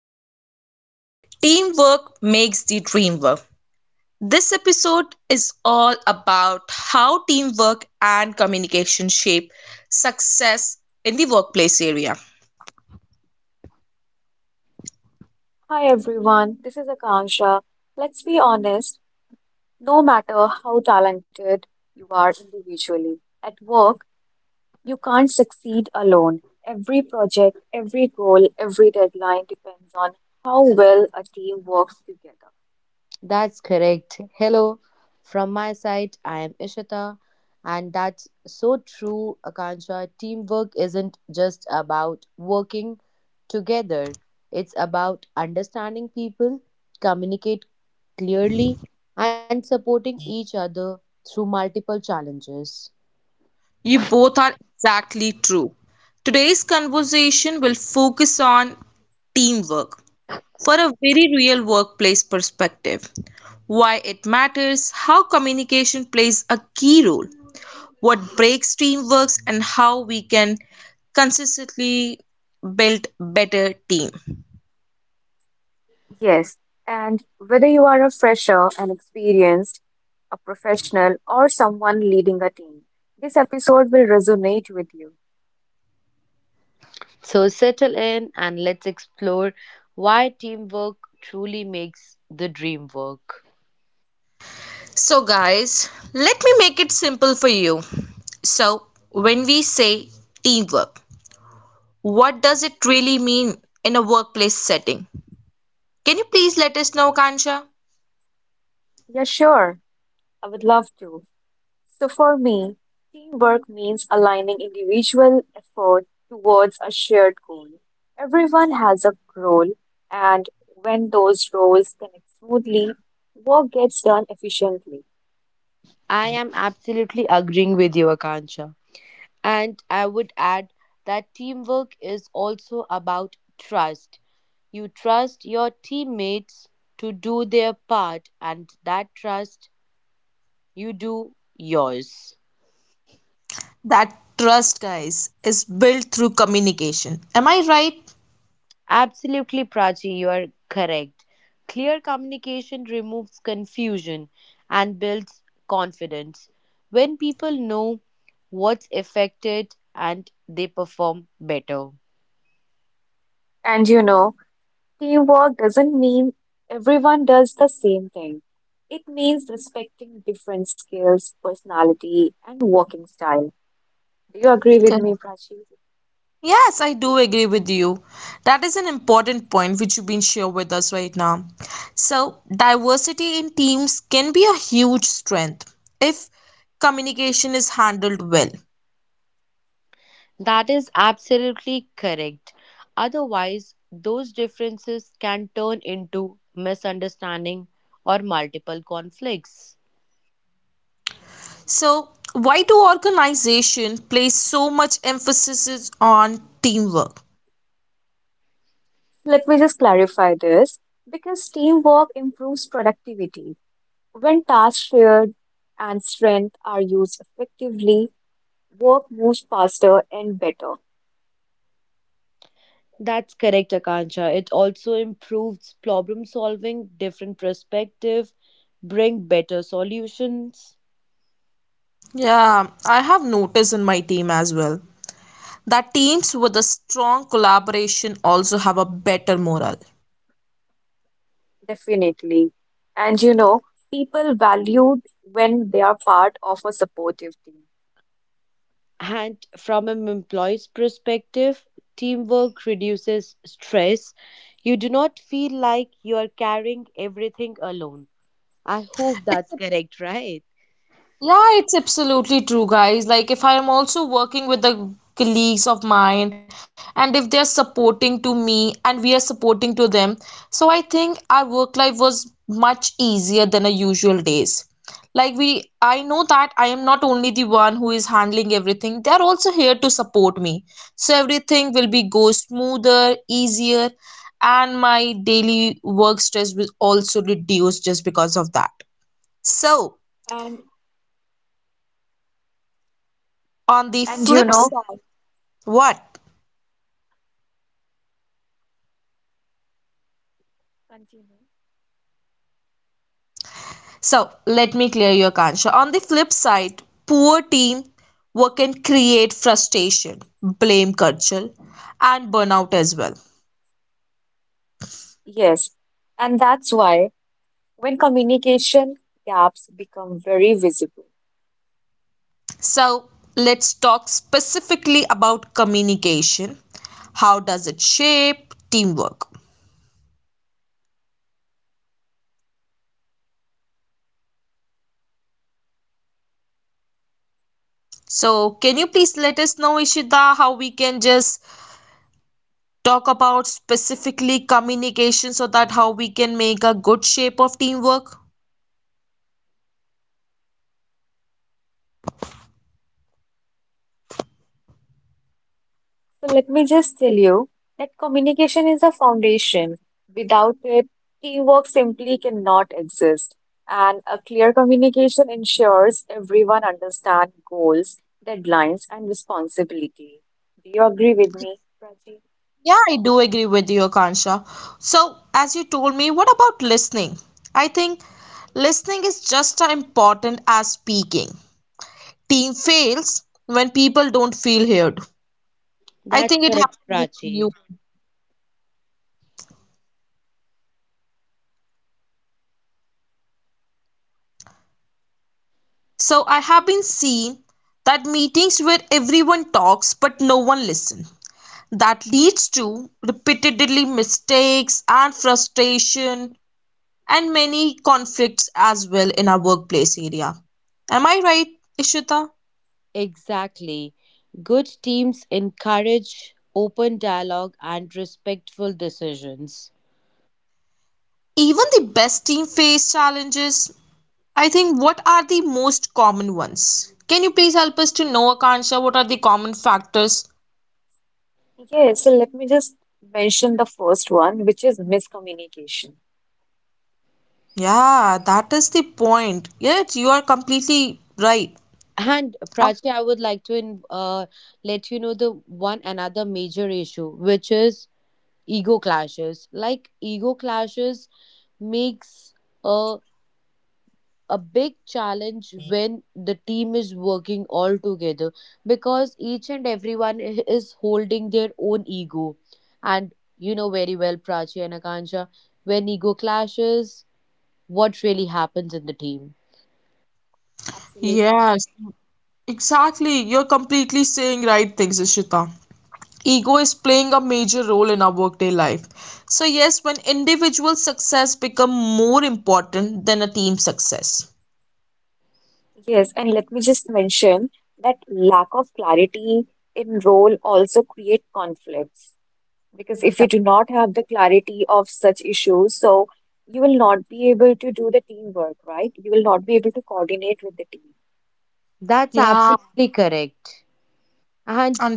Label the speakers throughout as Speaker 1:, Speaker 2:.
Speaker 1: you're listening to Teamwork Makes the Dream Work. This episode is all about how teamwork and communication shape success in the workplace area.
Speaker 2: Hi everyone, this is Akansha. Let's be honest, no matter how talented you are individually, at work, you can't succeed alone. Every project, every goal, every deadline depends on how well a team works together.
Speaker 3: That's correct. Hello, from my side, I am Ishita, and that's so true, Akansha. Teamwork isn't just about working together, it's about understanding people, communicate clearly, and supporting each other through multiple challenges.
Speaker 1: You both are exactly true. Today's conversation will focus on teamwork for a very real workplace perspective, why it matters, how communication plays a key role, what breaks teamworks, and how we can consistently build better team.
Speaker 2: Yes, and whether you are a fresher, an experienced, a professional, or someone leading a team, this episode will resonate with you.
Speaker 3: So, settle in and let's explore why teamwork truly makes the dream work.
Speaker 1: So guys, let me make it simple for you. So when we say teamwork, what does it really mean in a workplace setting? Can you please let us know, kansha?
Speaker 2: Yeah, sure, I would love to. So for me, teamwork means aligning individual effort towards a shared goal. Everyone has a role, and when those roles connect smoothly, work gets done efficiently.
Speaker 3: I am absolutely agreeing with you, Akansha. And I would add that teamwork is also about trust. You trust your teammates to do their part, and that trust you do yours.
Speaker 1: That trust, guys, is built through communication. Am I right?
Speaker 3: Absolutely, Prachi, you are correct. Clear communication removes confusion and builds confidence. When people know what's affected and they perform better.
Speaker 2: And you know, teamwork doesn't mean everyone does the same thing. It means respecting different skills, personality, and working style. Do you agree with me, Prachi?
Speaker 1: Yes, I do agree with you. That is an important point which you've been sharing with us right now. So, diversity in teams can be a huge strength if communication is handled well.
Speaker 3: That is absolutely correct. Otherwise, those differences can turn into misunderstanding or multiple conflicts.
Speaker 1: So, why do organizations place so much emphasis on teamwork?
Speaker 2: Let me just clarify this, because teamwork improves productivity. When tasks shared and strength are used effectively, work moves faster and better,
Speaker 3: That's correct, Akansha. It also improves problem solving, different perspective, bring better solutions.
Speaker 1: Yeah, I have noticed in my team as well that teams with a strong collaboration also have a better morale.
Speaker 2: definitely. And you know, people valued when they are part of a supportive team.
Speaker 3: And from an employee's perspective, teamwork reduces stress. You do not feel like you are carrying everything alone. I hope that's correct, right?
Speaker 1: Yeah, it's absolutely true, guys. Like, if I am also working with the colleagues of mine, and if they're supporting to me and we are supporting to them, so I think our work life was much easier than our usual days. Like, I know that I am not only the one who is handling everything, they're also here to support me. So everything will be go smoother, easier, and my daily work stress will also reduce just because of that. So,
Speaker 2: And
Speaker 1: on the
Speaker 2: and you
Speaker 1: flip
Speaker 2: know,
Speaker 1: side what.
Speaker 2: continue.
Speaker 1: So let me clear your conscience. On the flip side, poor team work can create frustration, blame culture, and burnout as well.
Speaker 2: Yes, and that's why when communication gaps become very visible.
Speaker 1: So let's talk specifically about communication. How does it shape teamwork? So can you please let us know, ishita, how we can just talk about specifically communication so that how we can make a good shape of teamwork?
Speaker 2: So let me just tell you that communication is a foundation. Without it, teamwork simply cannot exist. And a clear communication ensures everyone understands goals, deadlines, and responsibility. Do you agree with me, Prachi?
Speaker 1: Yeah, I do agree with you, Akansha. So, as you told me, what about listening? I think listening is just as important as speaking. Team fails when people don't feel heard. I
Speaker 3: That's
Speaker 1: think it
Speaker 3: correct,
Speaker 1: happened with
Speaker 3: Prachi.
Speaker 1: you. So, I have been seeing that meetings where everyone talks but no one listens. That leads to repeatedly mistakes and frustration and many conflicts as well in our workplace area. Am I right, Ishita?
Speaker 3: Exactly. Good teams encourage open dialogue and respectful decisions.
Speaker 1: Even the best team face challenges. I think what are the most common ones? Can you please help us to know, Akansha, what are the common factors?
Speaker 2: Yes, so let me just mention the first one, which is miscommunication.
Speaker 1: Yeah, that is the point. Yes, you are completely right.
Speaker 3: And
Speaker 1: I-
Speaker 3: Prachi, I would like to let you know the one another major issue, which is ego clashes. Like ego clashes makes a a big challenge when the team is working all together because each and everyone is holding their own ego. And you know very well, Prachi and Akansha, when ego clashes, what really happens in the team?
Speaker 2: Absolutely.
Speaker 1: Yes, exactly. You're completely saying right things, Ishita. Ego is playing a major role in our workday life. So yes, when individual success become more important than a team success.
Speaker 2: Yes, and let me just mention that lack of clarity in role also create conflicts, because if
Speaker 3: Th-
Speaker 2: you do not have the clarity of such issues, so you will not be able to do the teamwork, right? You will not be able to coordinate with the team.
Speaker 3: That's
Speaker 1: Yeah,
Speaker 3: absolutely correct. And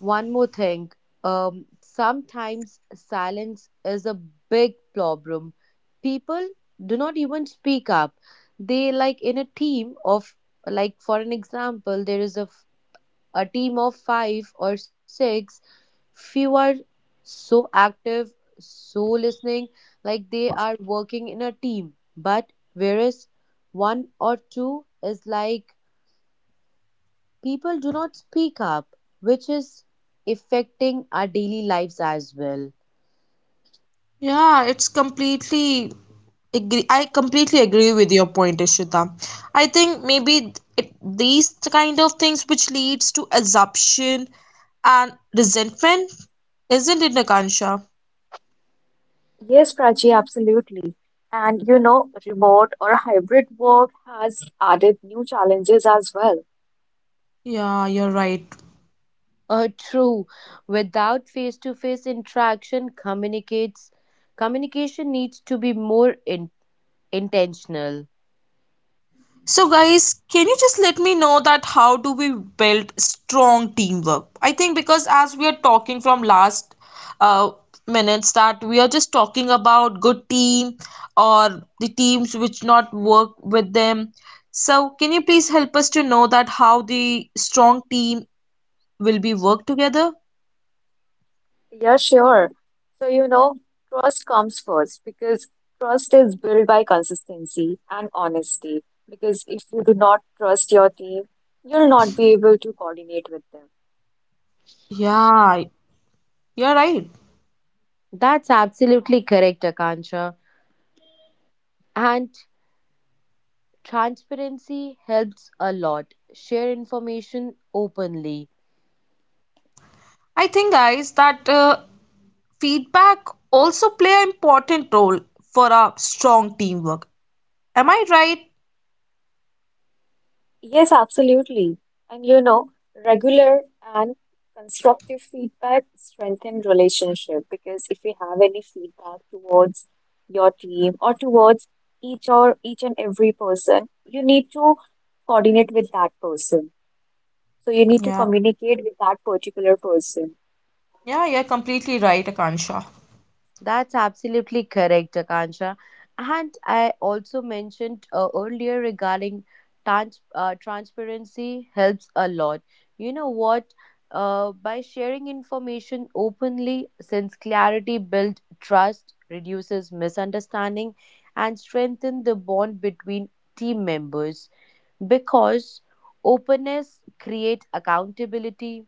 Speaker 3: one more thing, sometimes silence is a big problem. People do not even speak up. They like in a team of, like for an example, there is a team of five or six. Few are so active, so listening, like they are working in a team. But whereas one or two is like people do not speak up, which is affecting our daily lives as well.
Speaker 1: yeah, it's completely agree. I completely agree with your point, Ishita. I think maybe it, these kind of things which leads to assumption and resentment, isn't it, Nakansha?
Speaker 2: Yes, Prachi, absolutely. And you know, remote or hybrid work has added new challenges as well.
Speaker 1: Yeah, you're right.
Speaker 3: True. Without face-to-face interaction, communicates communication needs to be more intentional.
Speaker 1: So guys, can you just let me know that how do we build strong teamwork? I think because as we are talking from last uh, minutes that we are just talking about good team or the teams which not work with them. So can you please help us to know that how the strong team will be work together?
Speaker 2: Yeah, sure. So, you know, trust comes first because trust is built by consistency and honesty. Because if you do not trust your team, you'll not be able to coordinate with them.
Speaker 1: Yeah, you're right.
Speaker 3: That's absolutely correct, Akansha. And transparency helps a lot. Share information openly.
Speaker 1: I think, guys, that feedback also play an important role for our strong teamwork. Am I right?
Speaker 2: Yes, absolutely. And you know, regular and constructive feedback strengthen relationship, because if you have any feedback towards your team or towards each and every person, you need to coordinate with that person. So you need to
Speaker 1: Yeah,
Speaker 2: communicate with that particular person.
Speaker 1: yeah, you're completely right, Akansha.
Speaker 3: That's absolutely correct, Akansha. And I also mentioned earlier regarding transparency helps a lot. You know what? By sharing information openly, since clarity builds trust, reduces misunderstanding, and strengthens the bond between team members. Because openness creates accountability,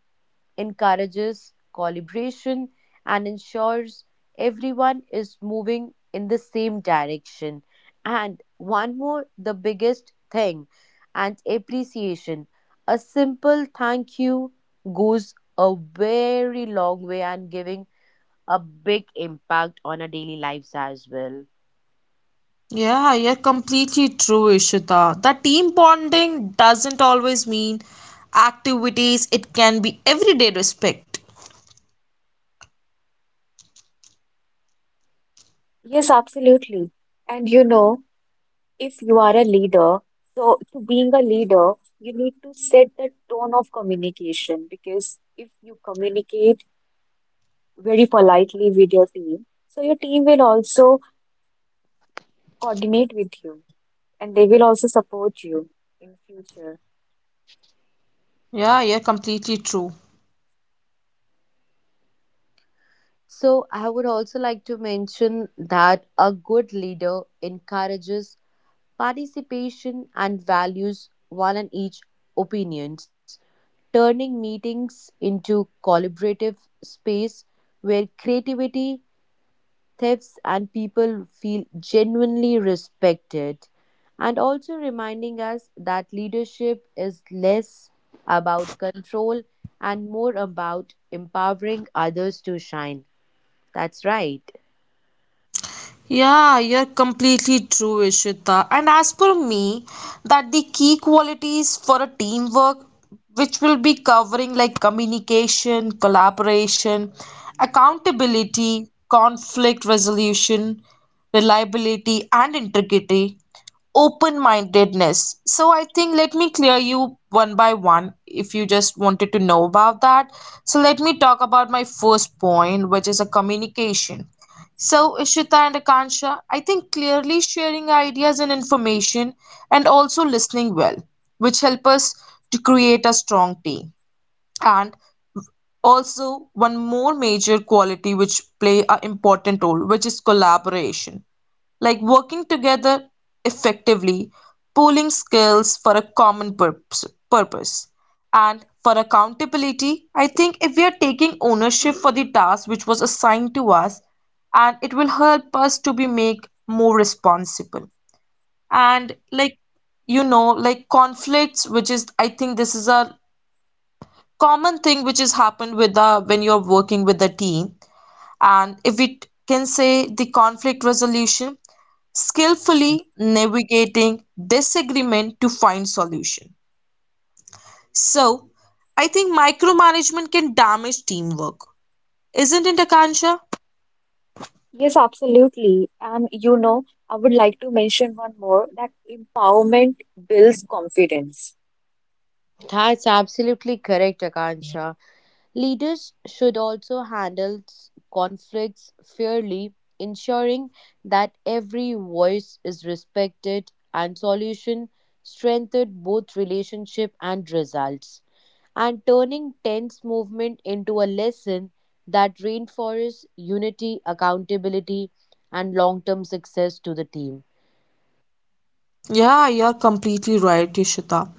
Speaker 3: encourages collaboration, and ensures everyone is moving in the same direction. And one more, the biggest thing, and appreciation. A simple thank you goes a very long way and giving a big impact on our daily lives as well.
Speaker 1: Yeah, you're completely true, Ishita. The team bonding doesn't always mean activities, it can be everyday respect.
Speaker 2: Yes, absolutely. And you know, if you are a leader, so to being a leader, you need to set the tone of communication, because if you communicate very politely with your team. So your team will also coordinate with you and they will also support you in future.
Speaker 1: Yeah, you're completely true.
Speaker 3: So, I would also like to mention that a good leader encourages participation and values one and each opinions, turning meetings into collaborative space where creativity, thefts, and people feel genuinely respected. And also reminding us that leadership is less about control and more about empowering others to shine. That's right.
Speaker 1: Yeah, you're completely true, Ishita. And as per me, that the key qualities for a teamwork, which will be covering like communication, collaboration, accountability, conflict resolution, reliability, and integrity, open-mindedness. So I think let me clear you one by one if you just wanted to know about that. So let me talk about my first point, which is a communication. So, Ishita and Akansha, I think clearly sharing ideas and information and also listening well, which help us to create a strong team. And also one more major quality which play a important role, which is collaboration like working together effectively, pooling skills for a common purpose. And for accountability, I think if we are taking ownership for the task which was assigned to us, and it will help us to be make more responsible. And like you know, like conflicts, which is I think this is a common thing which has happened with the when you're working with the team. And if we can say the conflict resolution, skillfully navigating disagreement to find solution. So, I think micromanagement can damage teamwork. Isn't it, Akansha?
Speaker 2: Yes, absolutely. And you know, I would like to mention one more that empowerment builds confidence.
Speaker 3: That's absolutely correct, Akansha. Leaders should also handle conflicts fairly, ensuring that every voice is respected and solution strengthened both relationship and results, and turning tense movement into a lesson that reinforces unity, accountability, and long-term success to the team.
Speaker 1: Yeah, you're completely right, Ishita.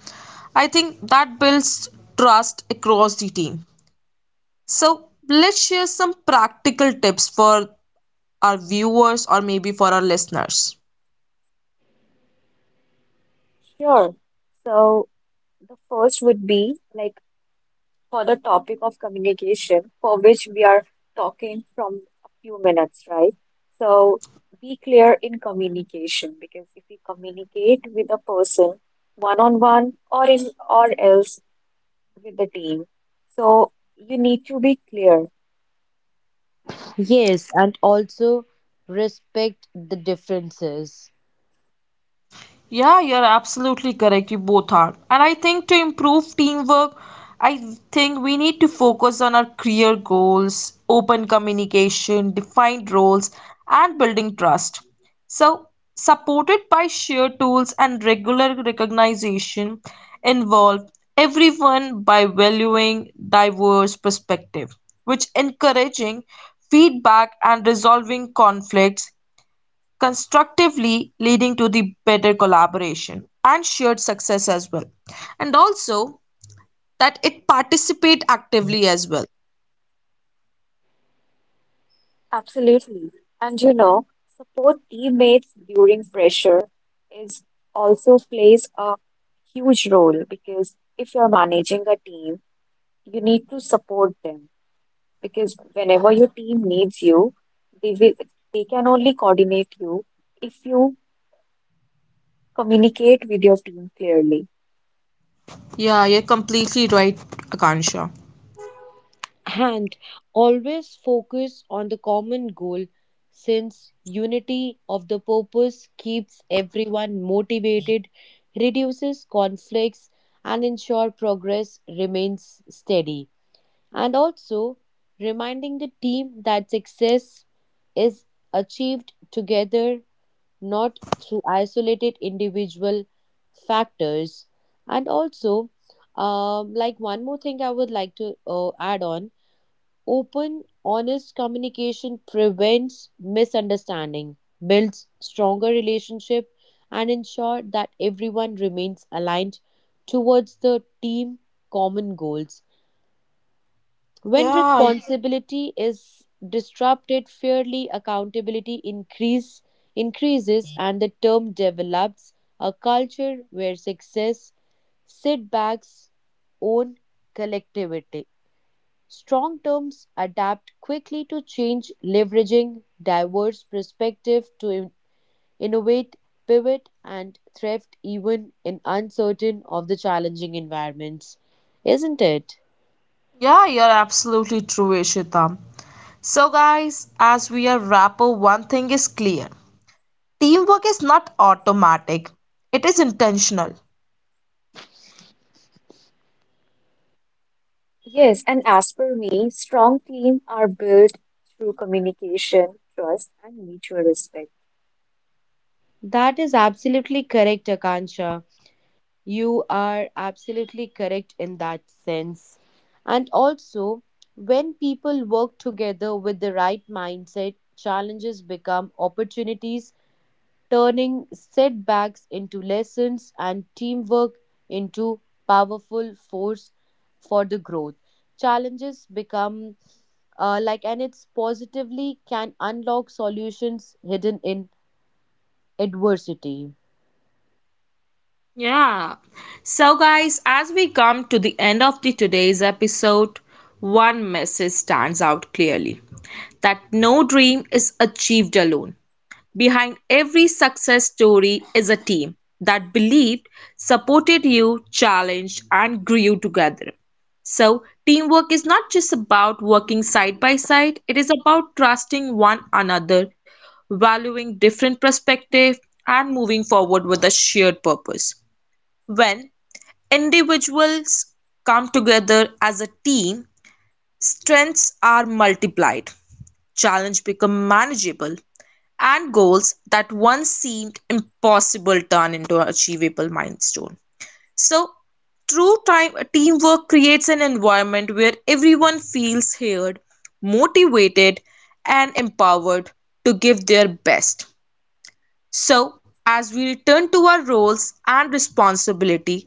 Speaker 1: I think that builds trust across the team. So, let's share some practical tips for our viewers or maybe for our listeners.
Speaker 2: Sure. So the first would be like for the topic of communication, for which we are talking from a few minutes, right? So be clear in communication, because if you communicate with a person one on one or in or else with the team, so you need to be clear.
Speaker 3: Yes, and also respect the differences,
Speaker 1: Yeah, you're absolutely correct. You both are. And I think to improve teamwork, I think we need to focus on our career goals, open communication, defined roles, and building trust. So, supported by shared tools and regular recognition, involve everyone by valuing diverse perspective, which encouraging feedback and resolving conflicts constructively leading to the better collaboration and shared success as well, and also that it participate actively as well.
Speaker 2: Absolutely. And you know, support teammates during pressure is also plays a huge role, because if you're managing a team, you need to support them because whenever your team needs you, they will, they can only coordinate you if you communicate with your team clearly.
Speaker 1: Yeah, you're completely right, akansha.
Speaker 3: and always focus on the common goal, since unity of the purpose keeps everyone motivated, reduces conflicts, and ensure progress remains steady. And also reminding the team that success is achieved together, not through isolated individual factors. And also, like one more thing, I would like to add on. Open, honest communication prevents misunderstanding, builds stronger relationship, and ensure that everyone remains aligned towards the team common goals. When
Speaker 1: yeah
Speaker 3: responsibility is disrupted fairly, accountability increases, and the term develops a culture where success, setbacks, own collectivity. Strong teams adapt quickly to change, leveraging diverse perspectives to innovate, pivot, and thrift even in uncertain of the challenging environments. Isn't it?
Speaker 1: yeah you're absolutely true, ishita. So guys, as we are wrap up, one thing is clear: teamwork is not automatic, it is intentional.
Speaker 2: Yes, and as per me, strong teams are built through communication, trust, and mutual respect.
Speaker 3: That is absolutely correct, Akansha. You are absolutely correct in that sense. And also, when people work together with the right mindset, challenges become opportunities, turning setbacks into lessons and teamwork into powerful force for the growth. Challenges become like, and it's positively can unlock solutions hidden in adversity.
Speaker 1: Yeah. So, guys, as we come to the end of the today's episode, one message stands out clearly that no dream is achieved alone. Behind every success story is a team that believed, supported you, challenged, and grew together. So, teamwork is not just about working side by side, it is about trusting one another, valuing different perspectives, and moving forward with a shared purpose. When individuals come together as a team, strengths are multiplied, challenges become manageable, and goals that once seemed impossible turn into an achievable milestone. So, true time, teamwork creates an environment where everyone feels heard, motivated, and empowered to give their best. So, as we return to our roles and responsibility,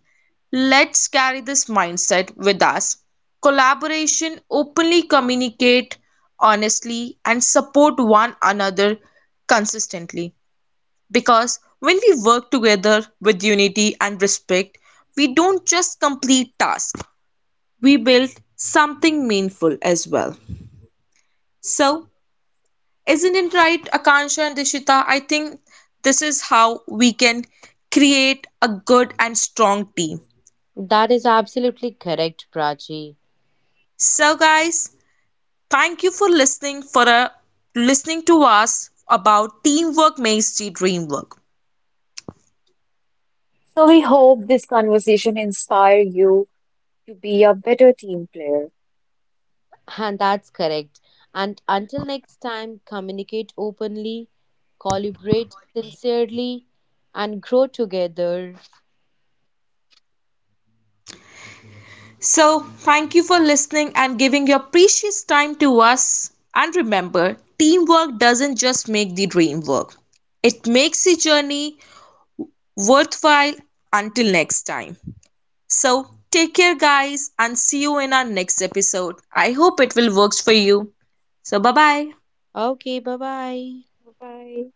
Speaker 1: let's carry this mindset with us. Collaboration, openly communicate honestly, and support one another consistently. Because when we work together with unity and respect, we don't just complete tasks, we build something meaningful as well. So, isn't it right, Akansha and Dishita? I think this is how we can create a good and strong team.
Speaker 3: That is absolutely correct, Prachi.
Speaker 1: So, guys, thank you for listening for listening to us about teamwork makes the dream work.
Speaker 2: So we hope this conversation inspire you to be a better team player.
Speaker 3: And that's correct. And until next time, communicate openly, collaborate sincerely, and grow together.
Speaker 1: So, thank you for listening and giving your precious time to us. And remember, teamwork doesn't just make the dream work; it makes the journey worthwhile. Until next time. So, take care, guys, and see you in our next episode. I hope it will works for you. So, bye bye.
Speaker 3: Okay, bye bye.
Speaker 2: Bye-bye.